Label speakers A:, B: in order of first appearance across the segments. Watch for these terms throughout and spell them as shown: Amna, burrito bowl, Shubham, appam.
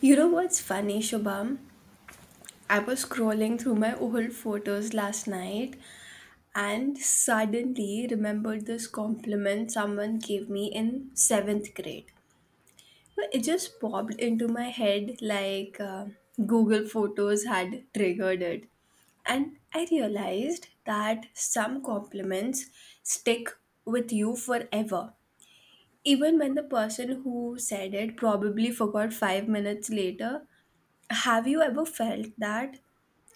A: You know what's funny, Shubham? I was scrolling through my old photos last night and suddenly remembered this compliment someone gave me in seventh grade. So it just popped into my head like Google Photos had triggered it. And I realized that some compliments stick with you forever. Even when the person who said it probably forgot 5 minutes later, have you ever felt that?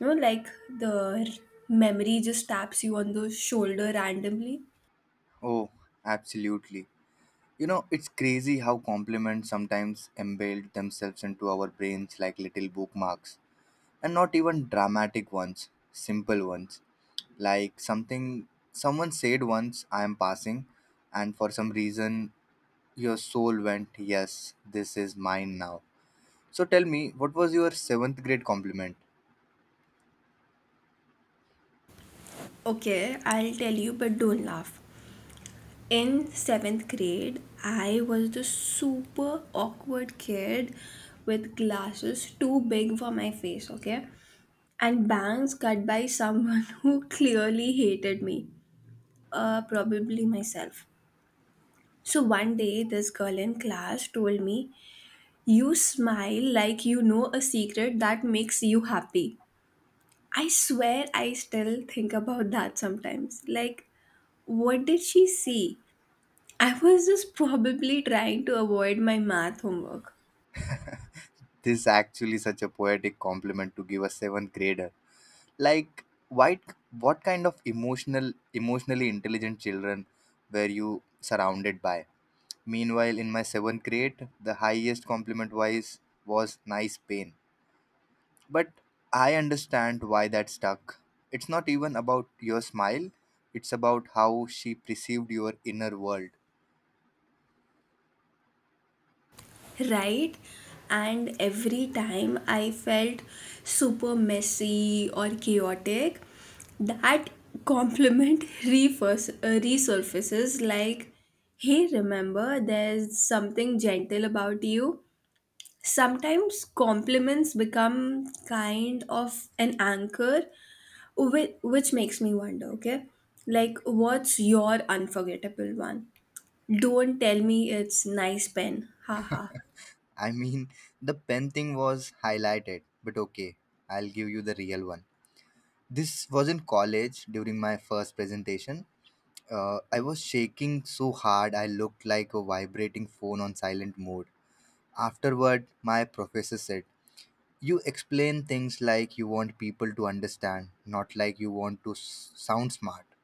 A: You know, like the memory just taps you on the shoulder randomly?
B: Oh, absolutely. You know, it's crazy how compliments sometimes embed themselves into our brains like little bookmarks. And not even dramatic ones, simple ones. Like something someone said once, I am passing, and for some reason your soul went, "Yes, this is mine now." So tell me, what was your seventh grade compliment?
A: Okay, I'll tell you, but don't laugh. In seventh grade, I was the super awkward kid with glasses too big for my face, okay? And bangs cut by someone who clearly hated me, probably myself. So one day, this girl in class told me, "You smile like you know a secret that makes you happy." I swear I still think about that sometimes. Like, what did she see? I was just probably trying to avoid my math homework,
B: This is actually such a poetic compliment to give a seventh grader. Like what kind of emotionally intelligent children were you surrounded by? Meanwhile, in my 7th grade, the highest compliment wise was "nice pain," but I understand why that stuck. It's not even about your smile, it's about how she perceived your inner world.
A: right? And every time I felt super messy or chaotic, that compliment resurfaces like, hey, remember, there's something gentle about you. Sometimes compliments become kind of an anchor, which makes me wonder, okay, like, what's your unforgettable one? Don't tell me it's nice pen. Haha.
B: I mean, the pen thing was highlighted, but okay, I'll give you the real one. This was in college during my first presentation. I was shaking so hard I looked like a vibrating phone on silent mode. Afterward, my professor said, "You explain things like you want people to understand, not like you want to sound smart."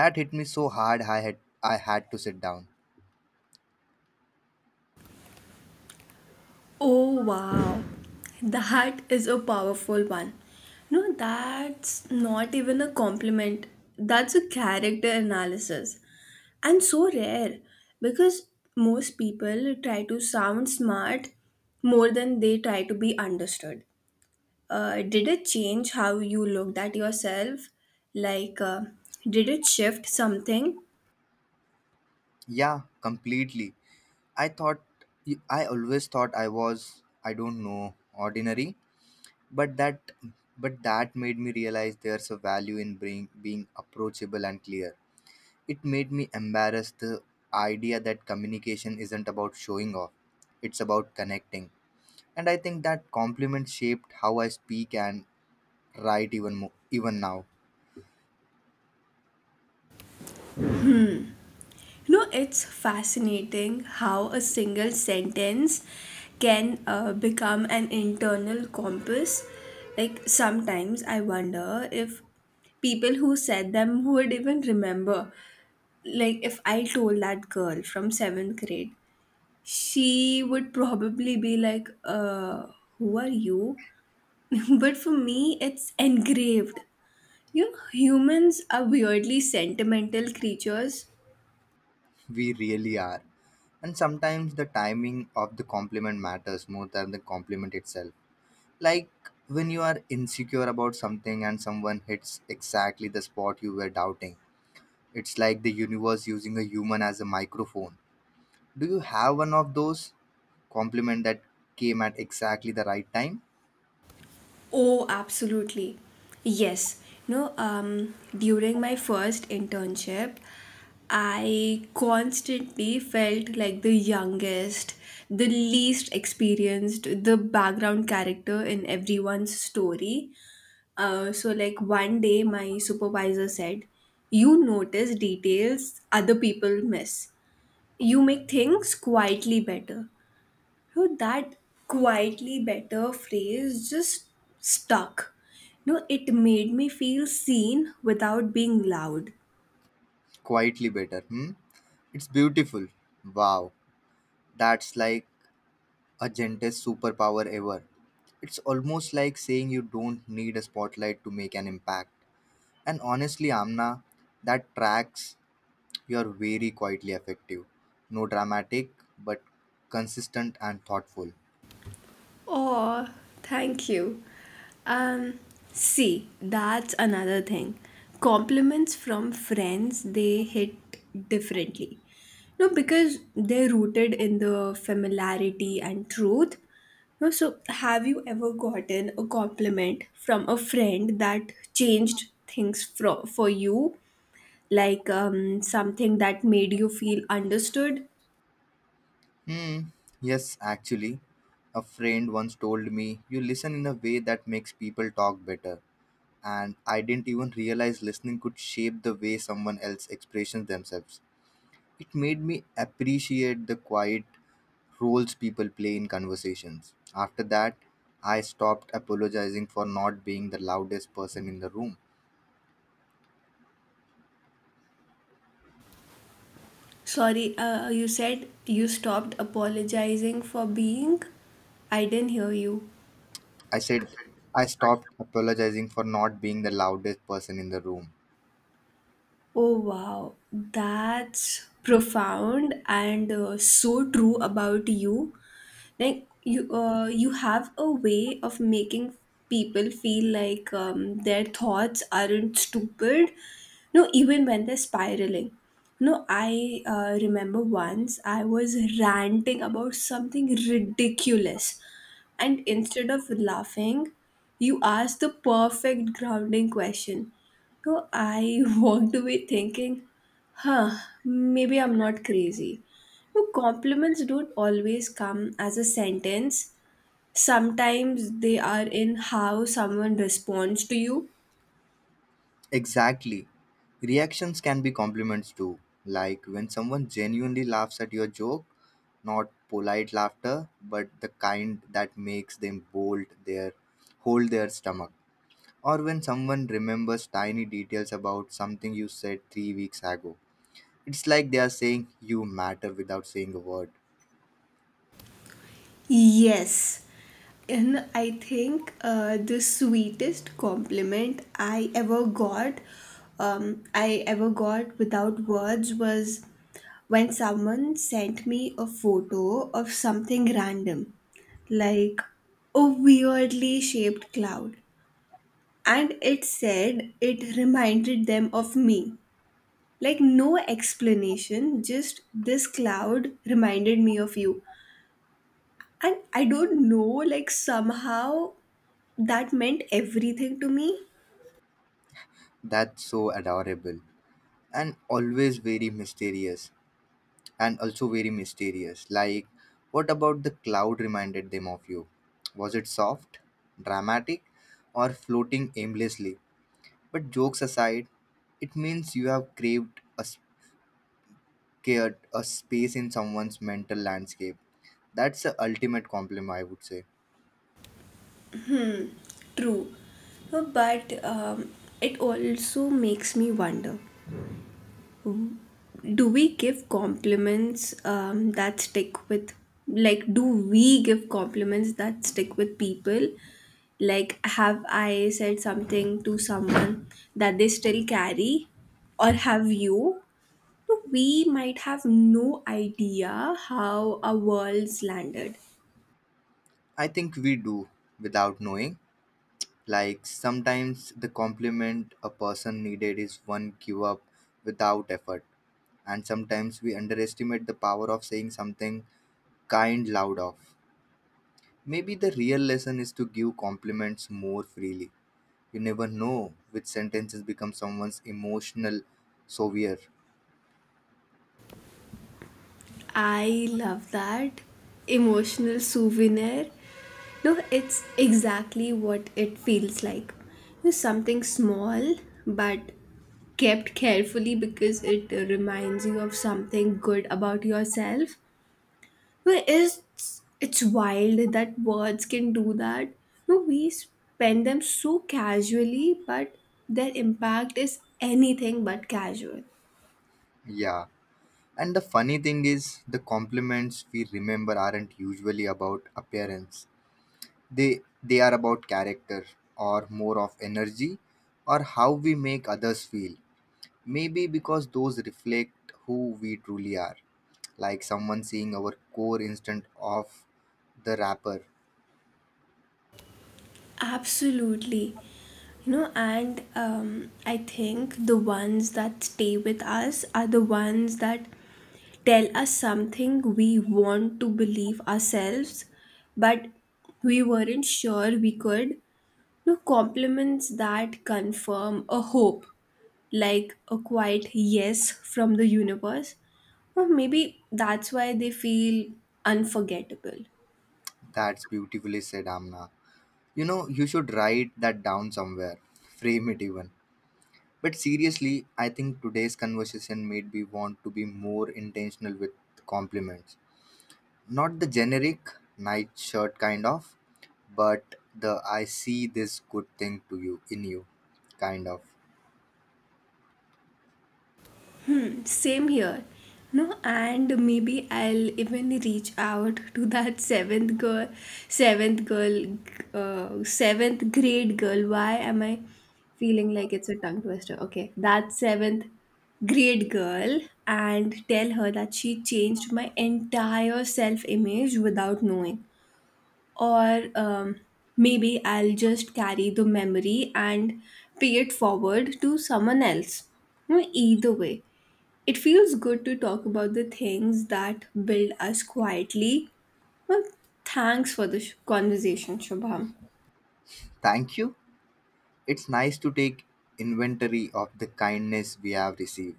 B: That hit me so hard I had to sit down.
A: Oh wow, that is a powerful one. No, that's not even a compliment. That's a character analysis. And so rare, because most people try to sound smart more than they try to be understood. Did it change how you looked at yourself? Like, did it shift something?
B: Yeah, completely. I thought, I always thought I was, I don't know, ordinary, but that made me realize there's a value in being approachable and clear. It made me embarrass the idea that communication isn't about showing off, it's about connecting. And I think that compliment shaped how I speak and write even more, even now.
A: You know, it's fascinating how a single sentence can become an internal compass. Like, sometimes I wonder if people who said them would even remember. Like, if I told that girl from seventh grade, she would probably be like, who are you? But for me, it's engraved. You know, humans are weirdly sentimental creatures.
B: We really are. And sometimes the timing of the compliment matters more than the compliment itself. Like when you are insecure about something and someone hits exactly the spot you were doubting, it's like the universe using a human as a microphone. Do you have one of those? Compliment that came at exactly the right time?
A: Oh, absolutely. Yes. No, during my first internship, I constantly felt like the youngest, the least experienced, the background character in everyone's story. So, like, one day, my supervisor said, "You notice details other people miss. You make things quietly better." Know, that "quietly better" phrase just stuck. No, it made me feel seen without being loud.
B: Quietly better, hmm? It's beautiful. Wow, that's like a gentlest superpower ever. It's almost like saying you don't need a spotlight to make an impact. And honestly, Amna, that tracks. You're very quietly effective. No dramatic, but consistent and thoughtful.
A: Oh, thank you. Um, See, that's another thing. Compliments from friends, they hit differently. No, because they're rooted in the familiarity and truth. No, so have you ever gotten a compliment from a friend that changed things for you? Like, something that made you feel understood?
B: Hmm. Yes, actually, a friend once told me, "You listen in a way that makes people talk better," and I didn't even realize listening could shape the way someone else expresses themselves. It made me appreciate the quiet roles people play in conversations. After that, I stopped apologizing for not being the loudest person in the room.
A: Sorry, you said you stopped apologizing for being? I didn't hear you.
B: I said, I stopped apologizing for not being the loudest person in the room.
A: Oh, wow. That's profound and so true about you. Like, you have a way of making people feel like, their thoughts aren't stupid, no, even when they're spiraling. No, I remember, once I was ranting about something ridiculous, and instead of laughing, you asked the perfect grounding question, so I walked away thinking, huh, maybe I'm not crazy. Well, compliments don't always come as a sentence. Sometimes they are in how someone responds to you.
B: Exactly. Reactions can be compliments too, like when someone genuinely laughs at your joke, not polite laughter, but the kind that makes them bolt their hold their stomach. Or when someone remembers tiny details about something you said 3 weeks ago. It's like they are saying you matter without saying a word.
A: Yes. And I think the sweetest compliment I ever got without words was when someone sent me a photo of something random, like a weirdly shaped cloud, and it said it reminded them of me. Like, no explanation, just this cloud reminded me of you. And I don't know, like, somehow that meant everything to me.
B: That's so adorable and always very mysterious. Like, what about the cloud reminded them of you? Was it soft, dramatic, or floating aimlessly? But jokes aside, it means you have craved a scared a space in someone's mental landscape. That's the ultimate compliment, I would say.
A: True. But it also makes me wonder, do we give compliments, that stick with, like, do we give compliments that stick with people, like, have I said something to someone that they still carry, or have you? No, we might have no idea how our worlds landed.
B: I think we do without knowing. Like sometimes the compliment a person needed is one give up without effort. And sometimes we underestimate the power of saying something kind loud off. Maybe the real lesson is to give compliments more freely. You never know which sentences become someone's emotional savior.
A: I love that, emotional souvenir. No, it's exactly what it feels like. It's something small but kept carefully because it reminds you of something good about yourself. No, it's wild that words can do that. No, we spend them so casually, but their impact is anything but casual.
B: Yeah. And the funny thing is, the compliments we remember aren't usually about appearance. They are about character or more of energy or how we make others feel. Maybe because those reflect who we truly are. Like someone seeing our core instant of the rapper.
A: Absolutely. You know, and I think the ones that stay with us are the ones that tell us something we want to believe ourselves, but we weren't sure we could. You know, compliments that confirm a hope, like a quiet yes from the universe. Or maybe that's why they feel unforgettable.
B: That's beautifully said, Amna. You know, you should write that down somewhere, frame it even. But seriously, I think today's conversation made me want to be more intentional with compliments. Not the generic nightshirt kind of, but the "I see this good thing to you in you" kind of.
A: Same here. No, and maybe I'll even reach out to that seventh girl, seventh grade girl. Why am I feeling like it's a tongue twister? Okay, that seventh grade girl, and tell her that she changed my entire self image without knowing, or maybe I'll just carry the memory and pay it forward to someone else. You know, either way, it feels good to talk about the things that build us quietly. Well, thanks for the conversation, Shubham.
B: Thank you. It's nice to take inventory of the kindness we have received.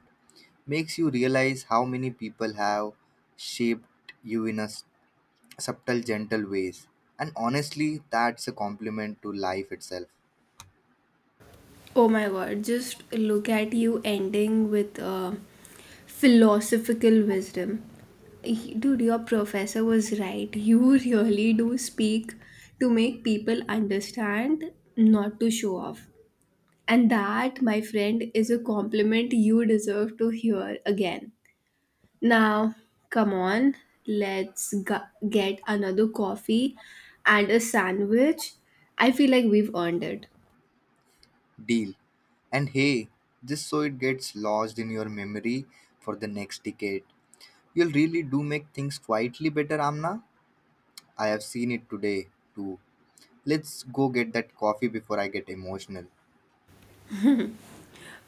B: Makes you realize how many people have shaped you in a subtle, gentle ways. And honestly, that's a compliment to life itself.
A: Oh my god, just look at you ending with philosophical wisdom. Dude, your professor was right. You really do speak to make people understand, not to show off. And that, my friend, is a compliment you deserve to hear again. Now, come on, let's get another coffee and a sandwich. I feel like we've earned it.
B: Deal. And hey, just so it gets lodged in your memory for the next decade. You'll really do make things quietly better, Amna. I have seen it today too. Let's go get that coffee before I get emotional.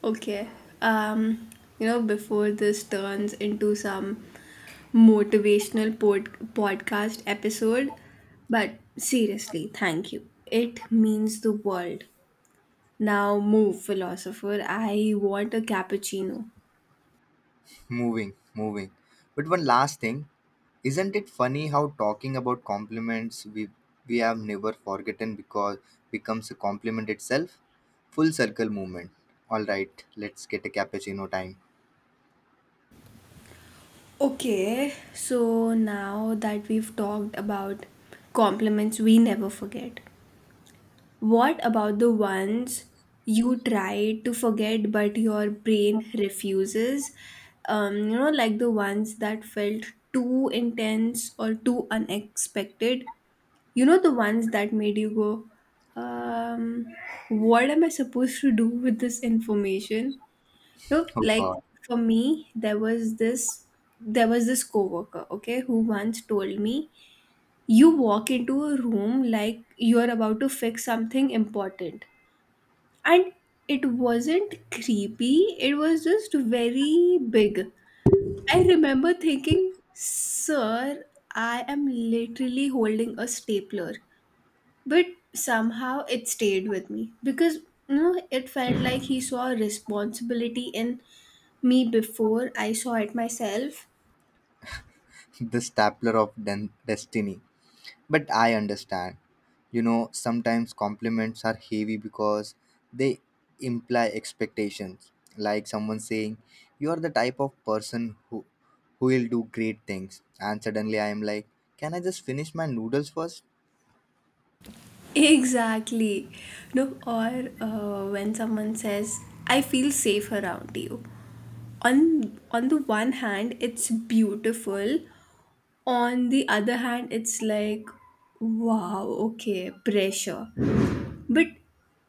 A: Okay. Um, you know, before this turns into some motivational podcast episode, but seriously, thank you. It means the world. Now, move, philosopher. I want a cappuccino.
B: Moving, moving. But one last thing, isn't it funny how talking about compliments we have never forgotten because becomes a compliment itself? Full circle movement. All right, let's get a cappuccino time.
A: Okay, so now that we've talked about compliments we never forget, what about the ones you try to forget but your brain refuses? You know, like the ones that felt too intense or too unexpected. You know, the ones that made you go, um, what am I supposed to do with this information? You know,
B: Oh
A: like,
B: God,
A: for me, there was this coworker, okay, who once told me, you walk into a room like you're about to fix something important. And it wasn't creepy, it was just very big. I remember thinking, sir, I am literally holding a stapler. But somehow it stayed with me because, you know, it felt like he saw a responsibility in me before I saw it myself.
B: the stapler of destiny. But I understand. You know, sometimes compliments are heavy because they imply expectations. Like someone saying, "You are the type of person who will do great things." And suddenly I am like, "Can I just finish my noodles first?"
A: Exactly. No, or when someone says, I feel safe around you, on on the one hand it's beautiful, on the other hand it's like, wow, okay, pressure. But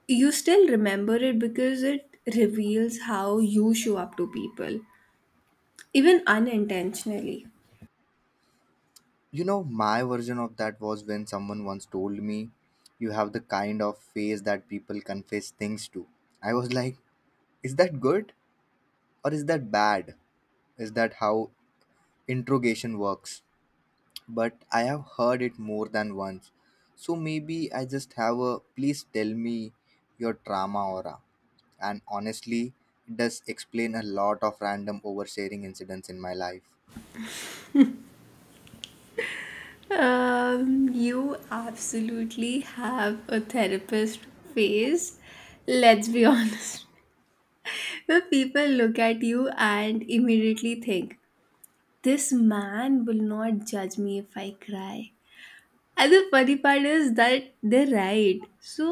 A: you still remember it because it reveals how you show up to people, even unintentionally.
B: You know, my version of that was when someone once told me, "You have the kind of face that people confess things to." I was like, is that good or is that bad? Is that how interrogation works? But I have heard it more than once. So maybe I just have a "please tell me your trauma" aura. And honestly, it does explain a lot of random oversharing incidents in my life.
A: You absolutely have a therapist face, let's be honest, where people look at you and immediately think, this man will not judge me if I cry. And the funny part is that they're right. So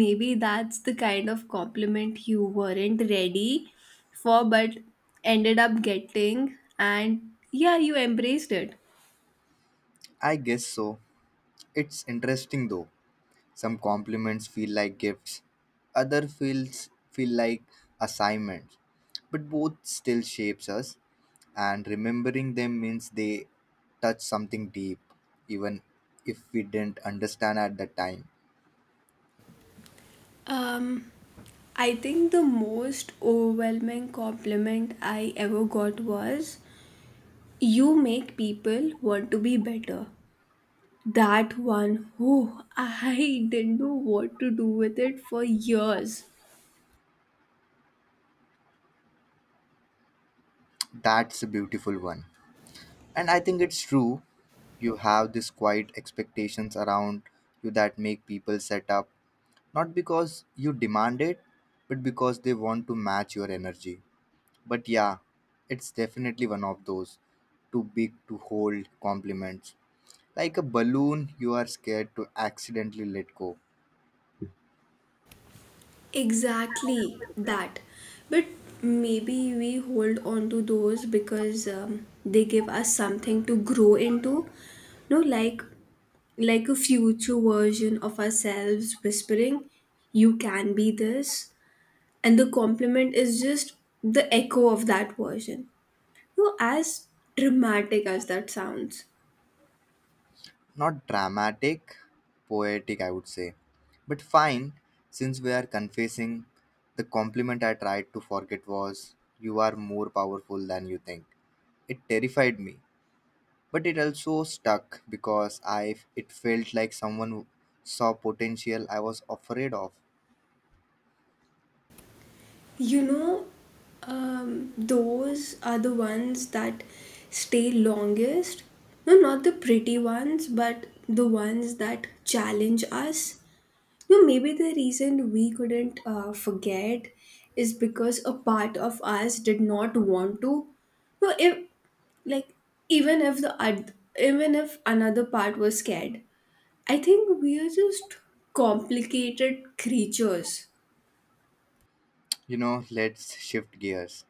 A: maybe that's the kind of compliment you weren't ready for but ended up getting, and yeah, you embraced it.
B: I guess so. It's interesting though. Some compliments feel like gifts, other feel like assignments. But both still shapes us, and remembering them means they touch something deep, even if we didn't understand at the time.
A: Um I think the most overwhelming compliment I ever got was, you make people want to be better. That one, oh, I didn't know what to do with it for years.
B: That's a beautiful one. And I think it's true, you have these quiet expectations around you that make people set up, not because you demand it, but because they want to match your energy. But yeah, it's definitely one of those "too big to hold" compliments. Like a balloon you are scared to accidentally let go.
A: Exactly that. But maybe we hold on to those because they give us something to grow into. No, like, a future version of ourselves whispering, "You can be this," and the compliment is just the echo of that version. No, as dramatic as that sounds.
B: Not dramatic, poetic, I would say. But fine, since we are confessing, the compliment I tried to forget was, "You are more powerful than you think." It terrified me, but it also stuck because I it felt like someone saw potential I was afraid of.
A: You know, those are the ones that stay longest. No, not the pretty ones, but the ones that challenge us. No, maybe the reason we couldn't forget is because a part of us did not want to. No, if like even if the oth- even if another part was scared, I think we are just complicated creatures.
B: You know, let's shift gears.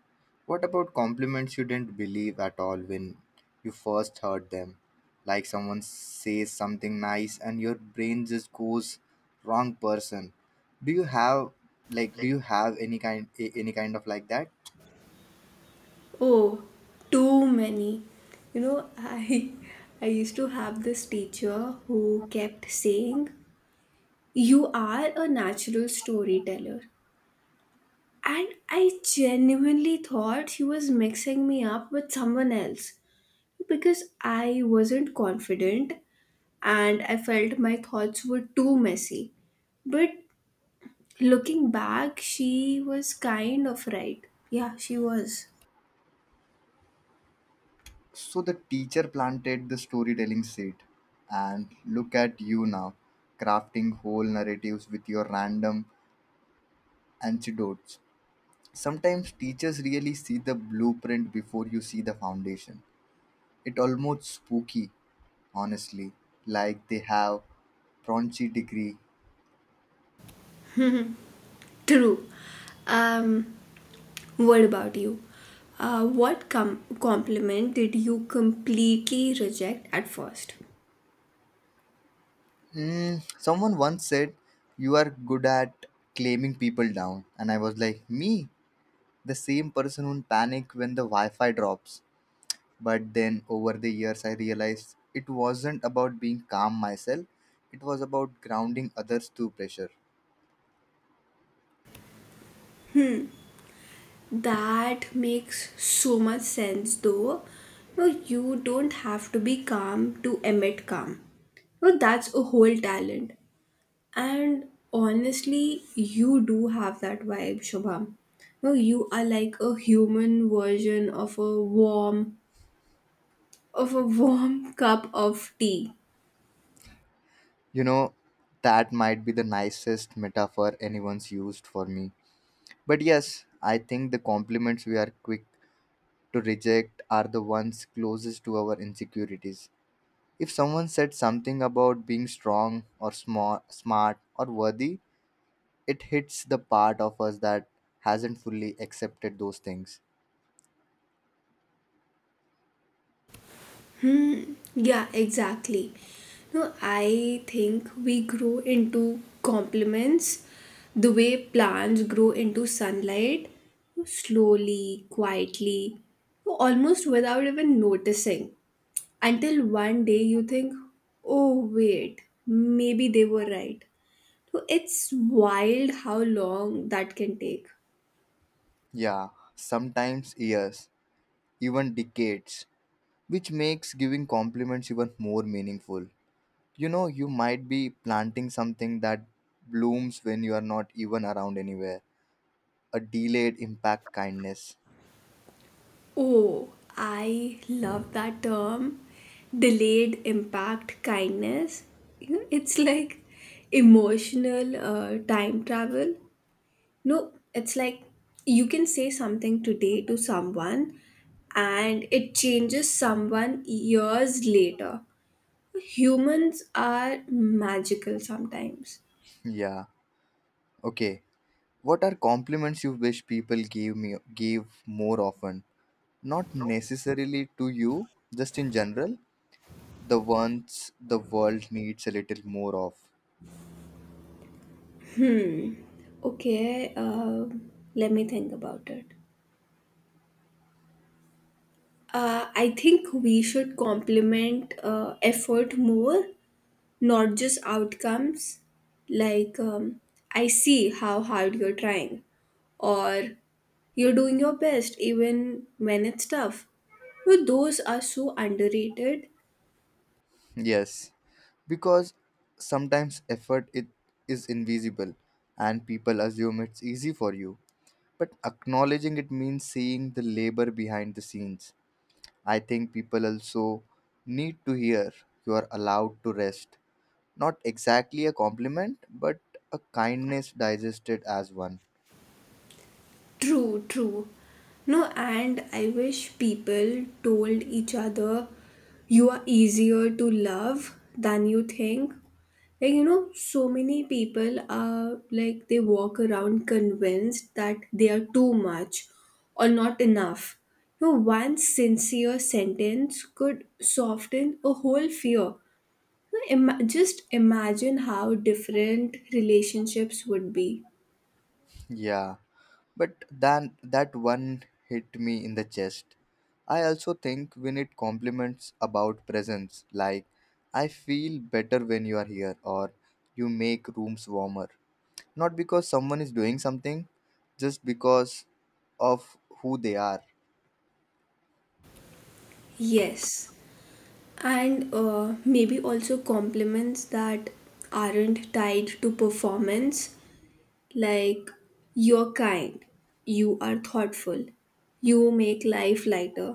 B: What about compliments you didn't believe at all when you first heard them? Like someone says something nice and your brain just goes, wrong person. Do you have any kind any kind of like that?
A: Oh, too many. You know, I I used to have this teacher who kept saying, "You are a natural storyteller." And I genuinely thought she was mixing me up with someone else because I wasn't confident and I felt my thoughts were too messy. But looking back, she was kind of right. Yeah, she was.
B: So the teacher planted the storytelling seed, and look at you now crafting whole narratives with your random anecdotes. Sometimes teachers really see the blueprint before you see the foundation. It almost spooky, honestly. Like they have paunchy degree.
A: True. Um What about you? What compliment did you completely reject at first?
B: Mm, someone once said you are good at claiming people down, and I was like, me, the same person who panic when the Wi-Fi drops? But then over the years, I realized it wasn't about being calm myself. It was about grounding others through pressure.
A: That makes so much sense though. No, you don't have to be calm to emit calm. No, that's a whole talent. And honestly, you do have that vibe, Shubham. No, you are like a human version of a warm cup of tea.
B: You know, that might be the nicest metaphor anyone's used for me. But yes, I think the compliments we are quick to reject are the ones closest to our insecurities. If someone said something about being strong or small, smart or worthy, it hits the part of us that hasn't fully accepted those things.
A: Yeah, exactly. No, I think we grow into compliments the way plants grow into sunlight, slowly, quietly, almost without even noticing. Until one day you think, oh, wait, maybe they were right. So it's wild how long that can take.
B: Yeah, sometimes years, even decades, which makes giving compliments even more meaningful. You know, you might be planting something that blooms when you are not even around anywhere. A delayed impact kindness.
A: Oh, I love that term, delayed impact kindness. You know, it's like emotional time travel. No, it's like you can say something today to someone and it changes someone years later. Humans are magical sometimes.
B: Yeah. Okay. What are compliments you wish people gave me gave more often? Not necessarily to you, just in general, the ones the world needs a little more of.
A: Hmm. Okay, let me think about it. I think we should compliment effort more, not just outcomes. Like, I see how hard you're trying, or you're doing your best even when it's tough. But those are so underrated.
B: Yes, because sometimes effort it is invisible and people assume it's easy for you. But acknowledging it means seeing the labor behind the scenes. I think people also need to hear, "You are allowed to rest." Not exactly a compliment, but a kindness digested as one.
A: True, true. No, and I wish people told each other you are easier to love than you think. So many people are like they walk around convinced that they are too much or not enough. You know, one sincere sentence could soften a whole fear. Just imagine how different relationships would be.
B: Yeah, but then that one hit me in the chest. I also think we need compliments about presence, like, "I feel better when you are here," or, "you make rooms warmer." Not because someone is doing something, just because of who they are.
A: Yes. And maybe also compliments that aren't tied to performance, like you're kind, you are thoughtful, you make life lighter,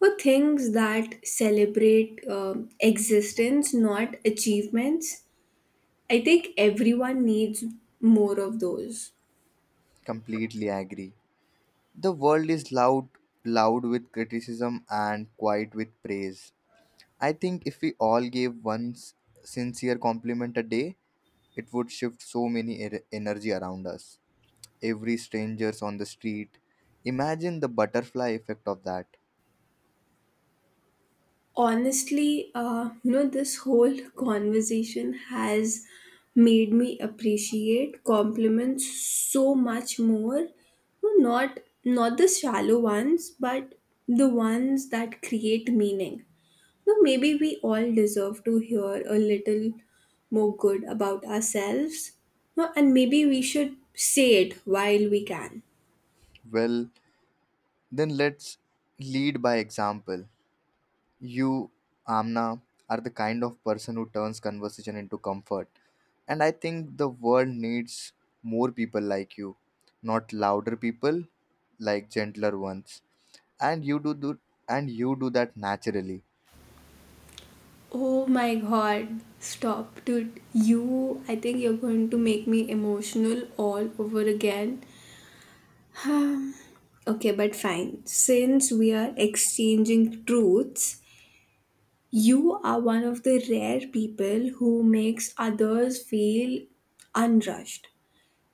A: or things that celebrate existence not achievements. I think everyone needs more of those.
B: Completely agree. The world is loud, loud with criticism and quiet with praise. I think if we all gave one sincere compliment a day, it would shift so many energy around us. Every stranger's on the street. Imagine the butterfly effect of that.
A: Honestly, this whole conversation has made me appreciate compliments so much more. No, not the shallow ones but the ones that create meaning. No, maybe we all deserve to hear a little more good about ourselves. No, and maybe we should say it while we can.
B: Well, then let's lead by example. You, Amna, are the kind of person who turns conversation into comfort. And I think the world needs more people like you, not louder people, like gentler ones. And you do and you do that naturally.
A: Oh my god, stop, dude. I think you're going to make me emotional all over again. Hmm. Okay, but fine. Since we are exchanging truths, you are one of the rare people who makes others feel unrushed.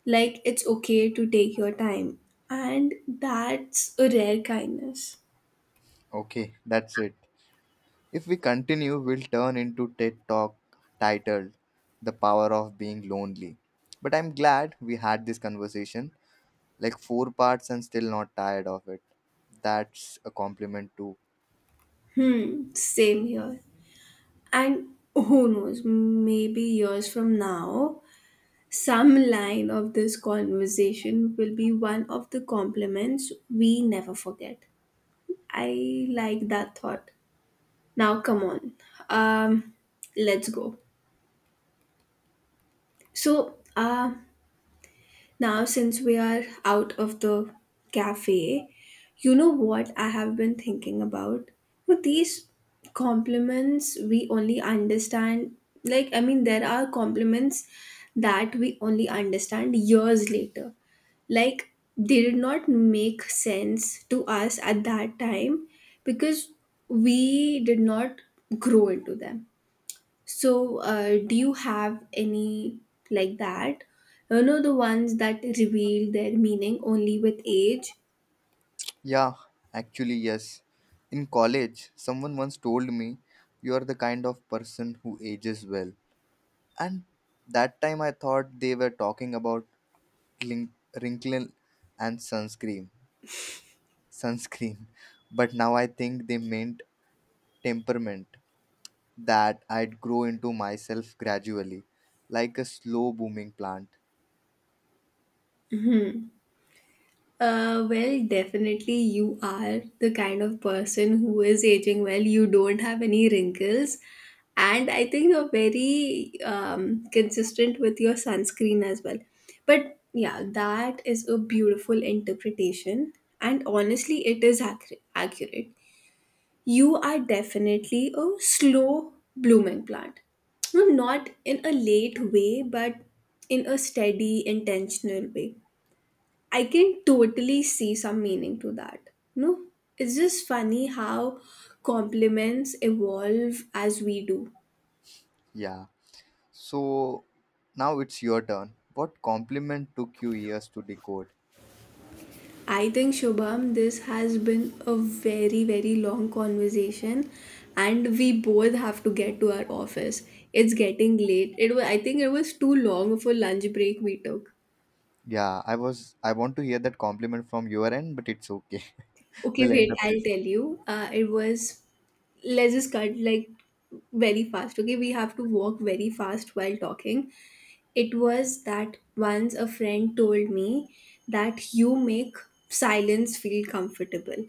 A: Like it's okay to take your time. And that's a rare kindness.
B: Okay, that's it. If we continue, we'll turn into TED Talk titled "The Power of Being Lonely." But I'm glad we had this conversation, like four parts and still not tired of it. That's a compliment too.
A: Hmm, same here. And who knows, maybe years from now, some line of this conversation will be one of the compliments we never forget. I like that thought. Now, come on. Um, let's go. So, uh, Now, since we are out of the cafe, you know what I have been thinking about? With these compliments, we only understand, there are compliments that we only understand years later. Like, they did not make sense to us at that time because we did not grow into them. So do you have any like that? You know, the ones that reveal their meaning only with age?
B: Yeah, actually, yes. In college, someone once told me, "You are the kind of person who ages well." And that time I thought they were talking about glin- wrinkle and sunscreen. But now I think they meant temperament, that I'd grow into myself gradually, like a slow booming plant.
A: Well, definitely you are the kind of person who is aging well. You don't have any wrinkles. And I think you're very consistent with your sunscreen as well. But yeah, that is a beautiful interpretation. And honestly, it is accurate. You are definitely a slow blooming plant. No, not in a late way, but in a steady, intentional way. I can totally see some meaning to that. No, it's just funny how compliments evolve as we do.
B: Yeah. So now it's your turn. What compliment took you years to decode?
A: I think, Shubham, this has been a very long conversation, and we both have to get to our office. It's getting late. It was, it was too long of a lunch break we took.
B: Yeah, I was I want to hear that compliment from your end, but it's okay.
A: Okay,
B: We'll end
A: wait,
B: up
A: I'll
B: this.
A: tell you. It was, let's just cut like very fast. Okay, we have to walk very fast while talking. It was that once a friend told me that you make silence feel comfortable.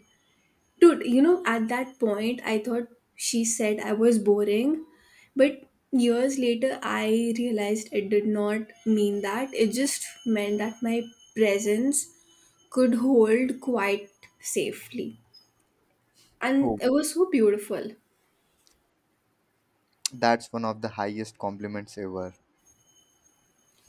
A: Dude, you know, at that point, I thought she said I was boring, but years later, I realized it did not mean that. It just meant that my presence could hold quite safely, and
B: Oh,
A: it was so beautiful.
B: that's one of the highest compliments ever.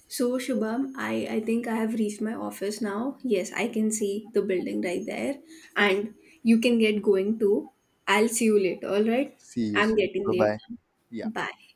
A: So Shubham, I think I have reached my office now. Yes, I can see the building right there. And you can get going too. I'll see you later, alright?
B: See you
A: I'm
B: soon.
A: getting
B: Bye
A: late.
B: bye. Yeah.
A: Bye.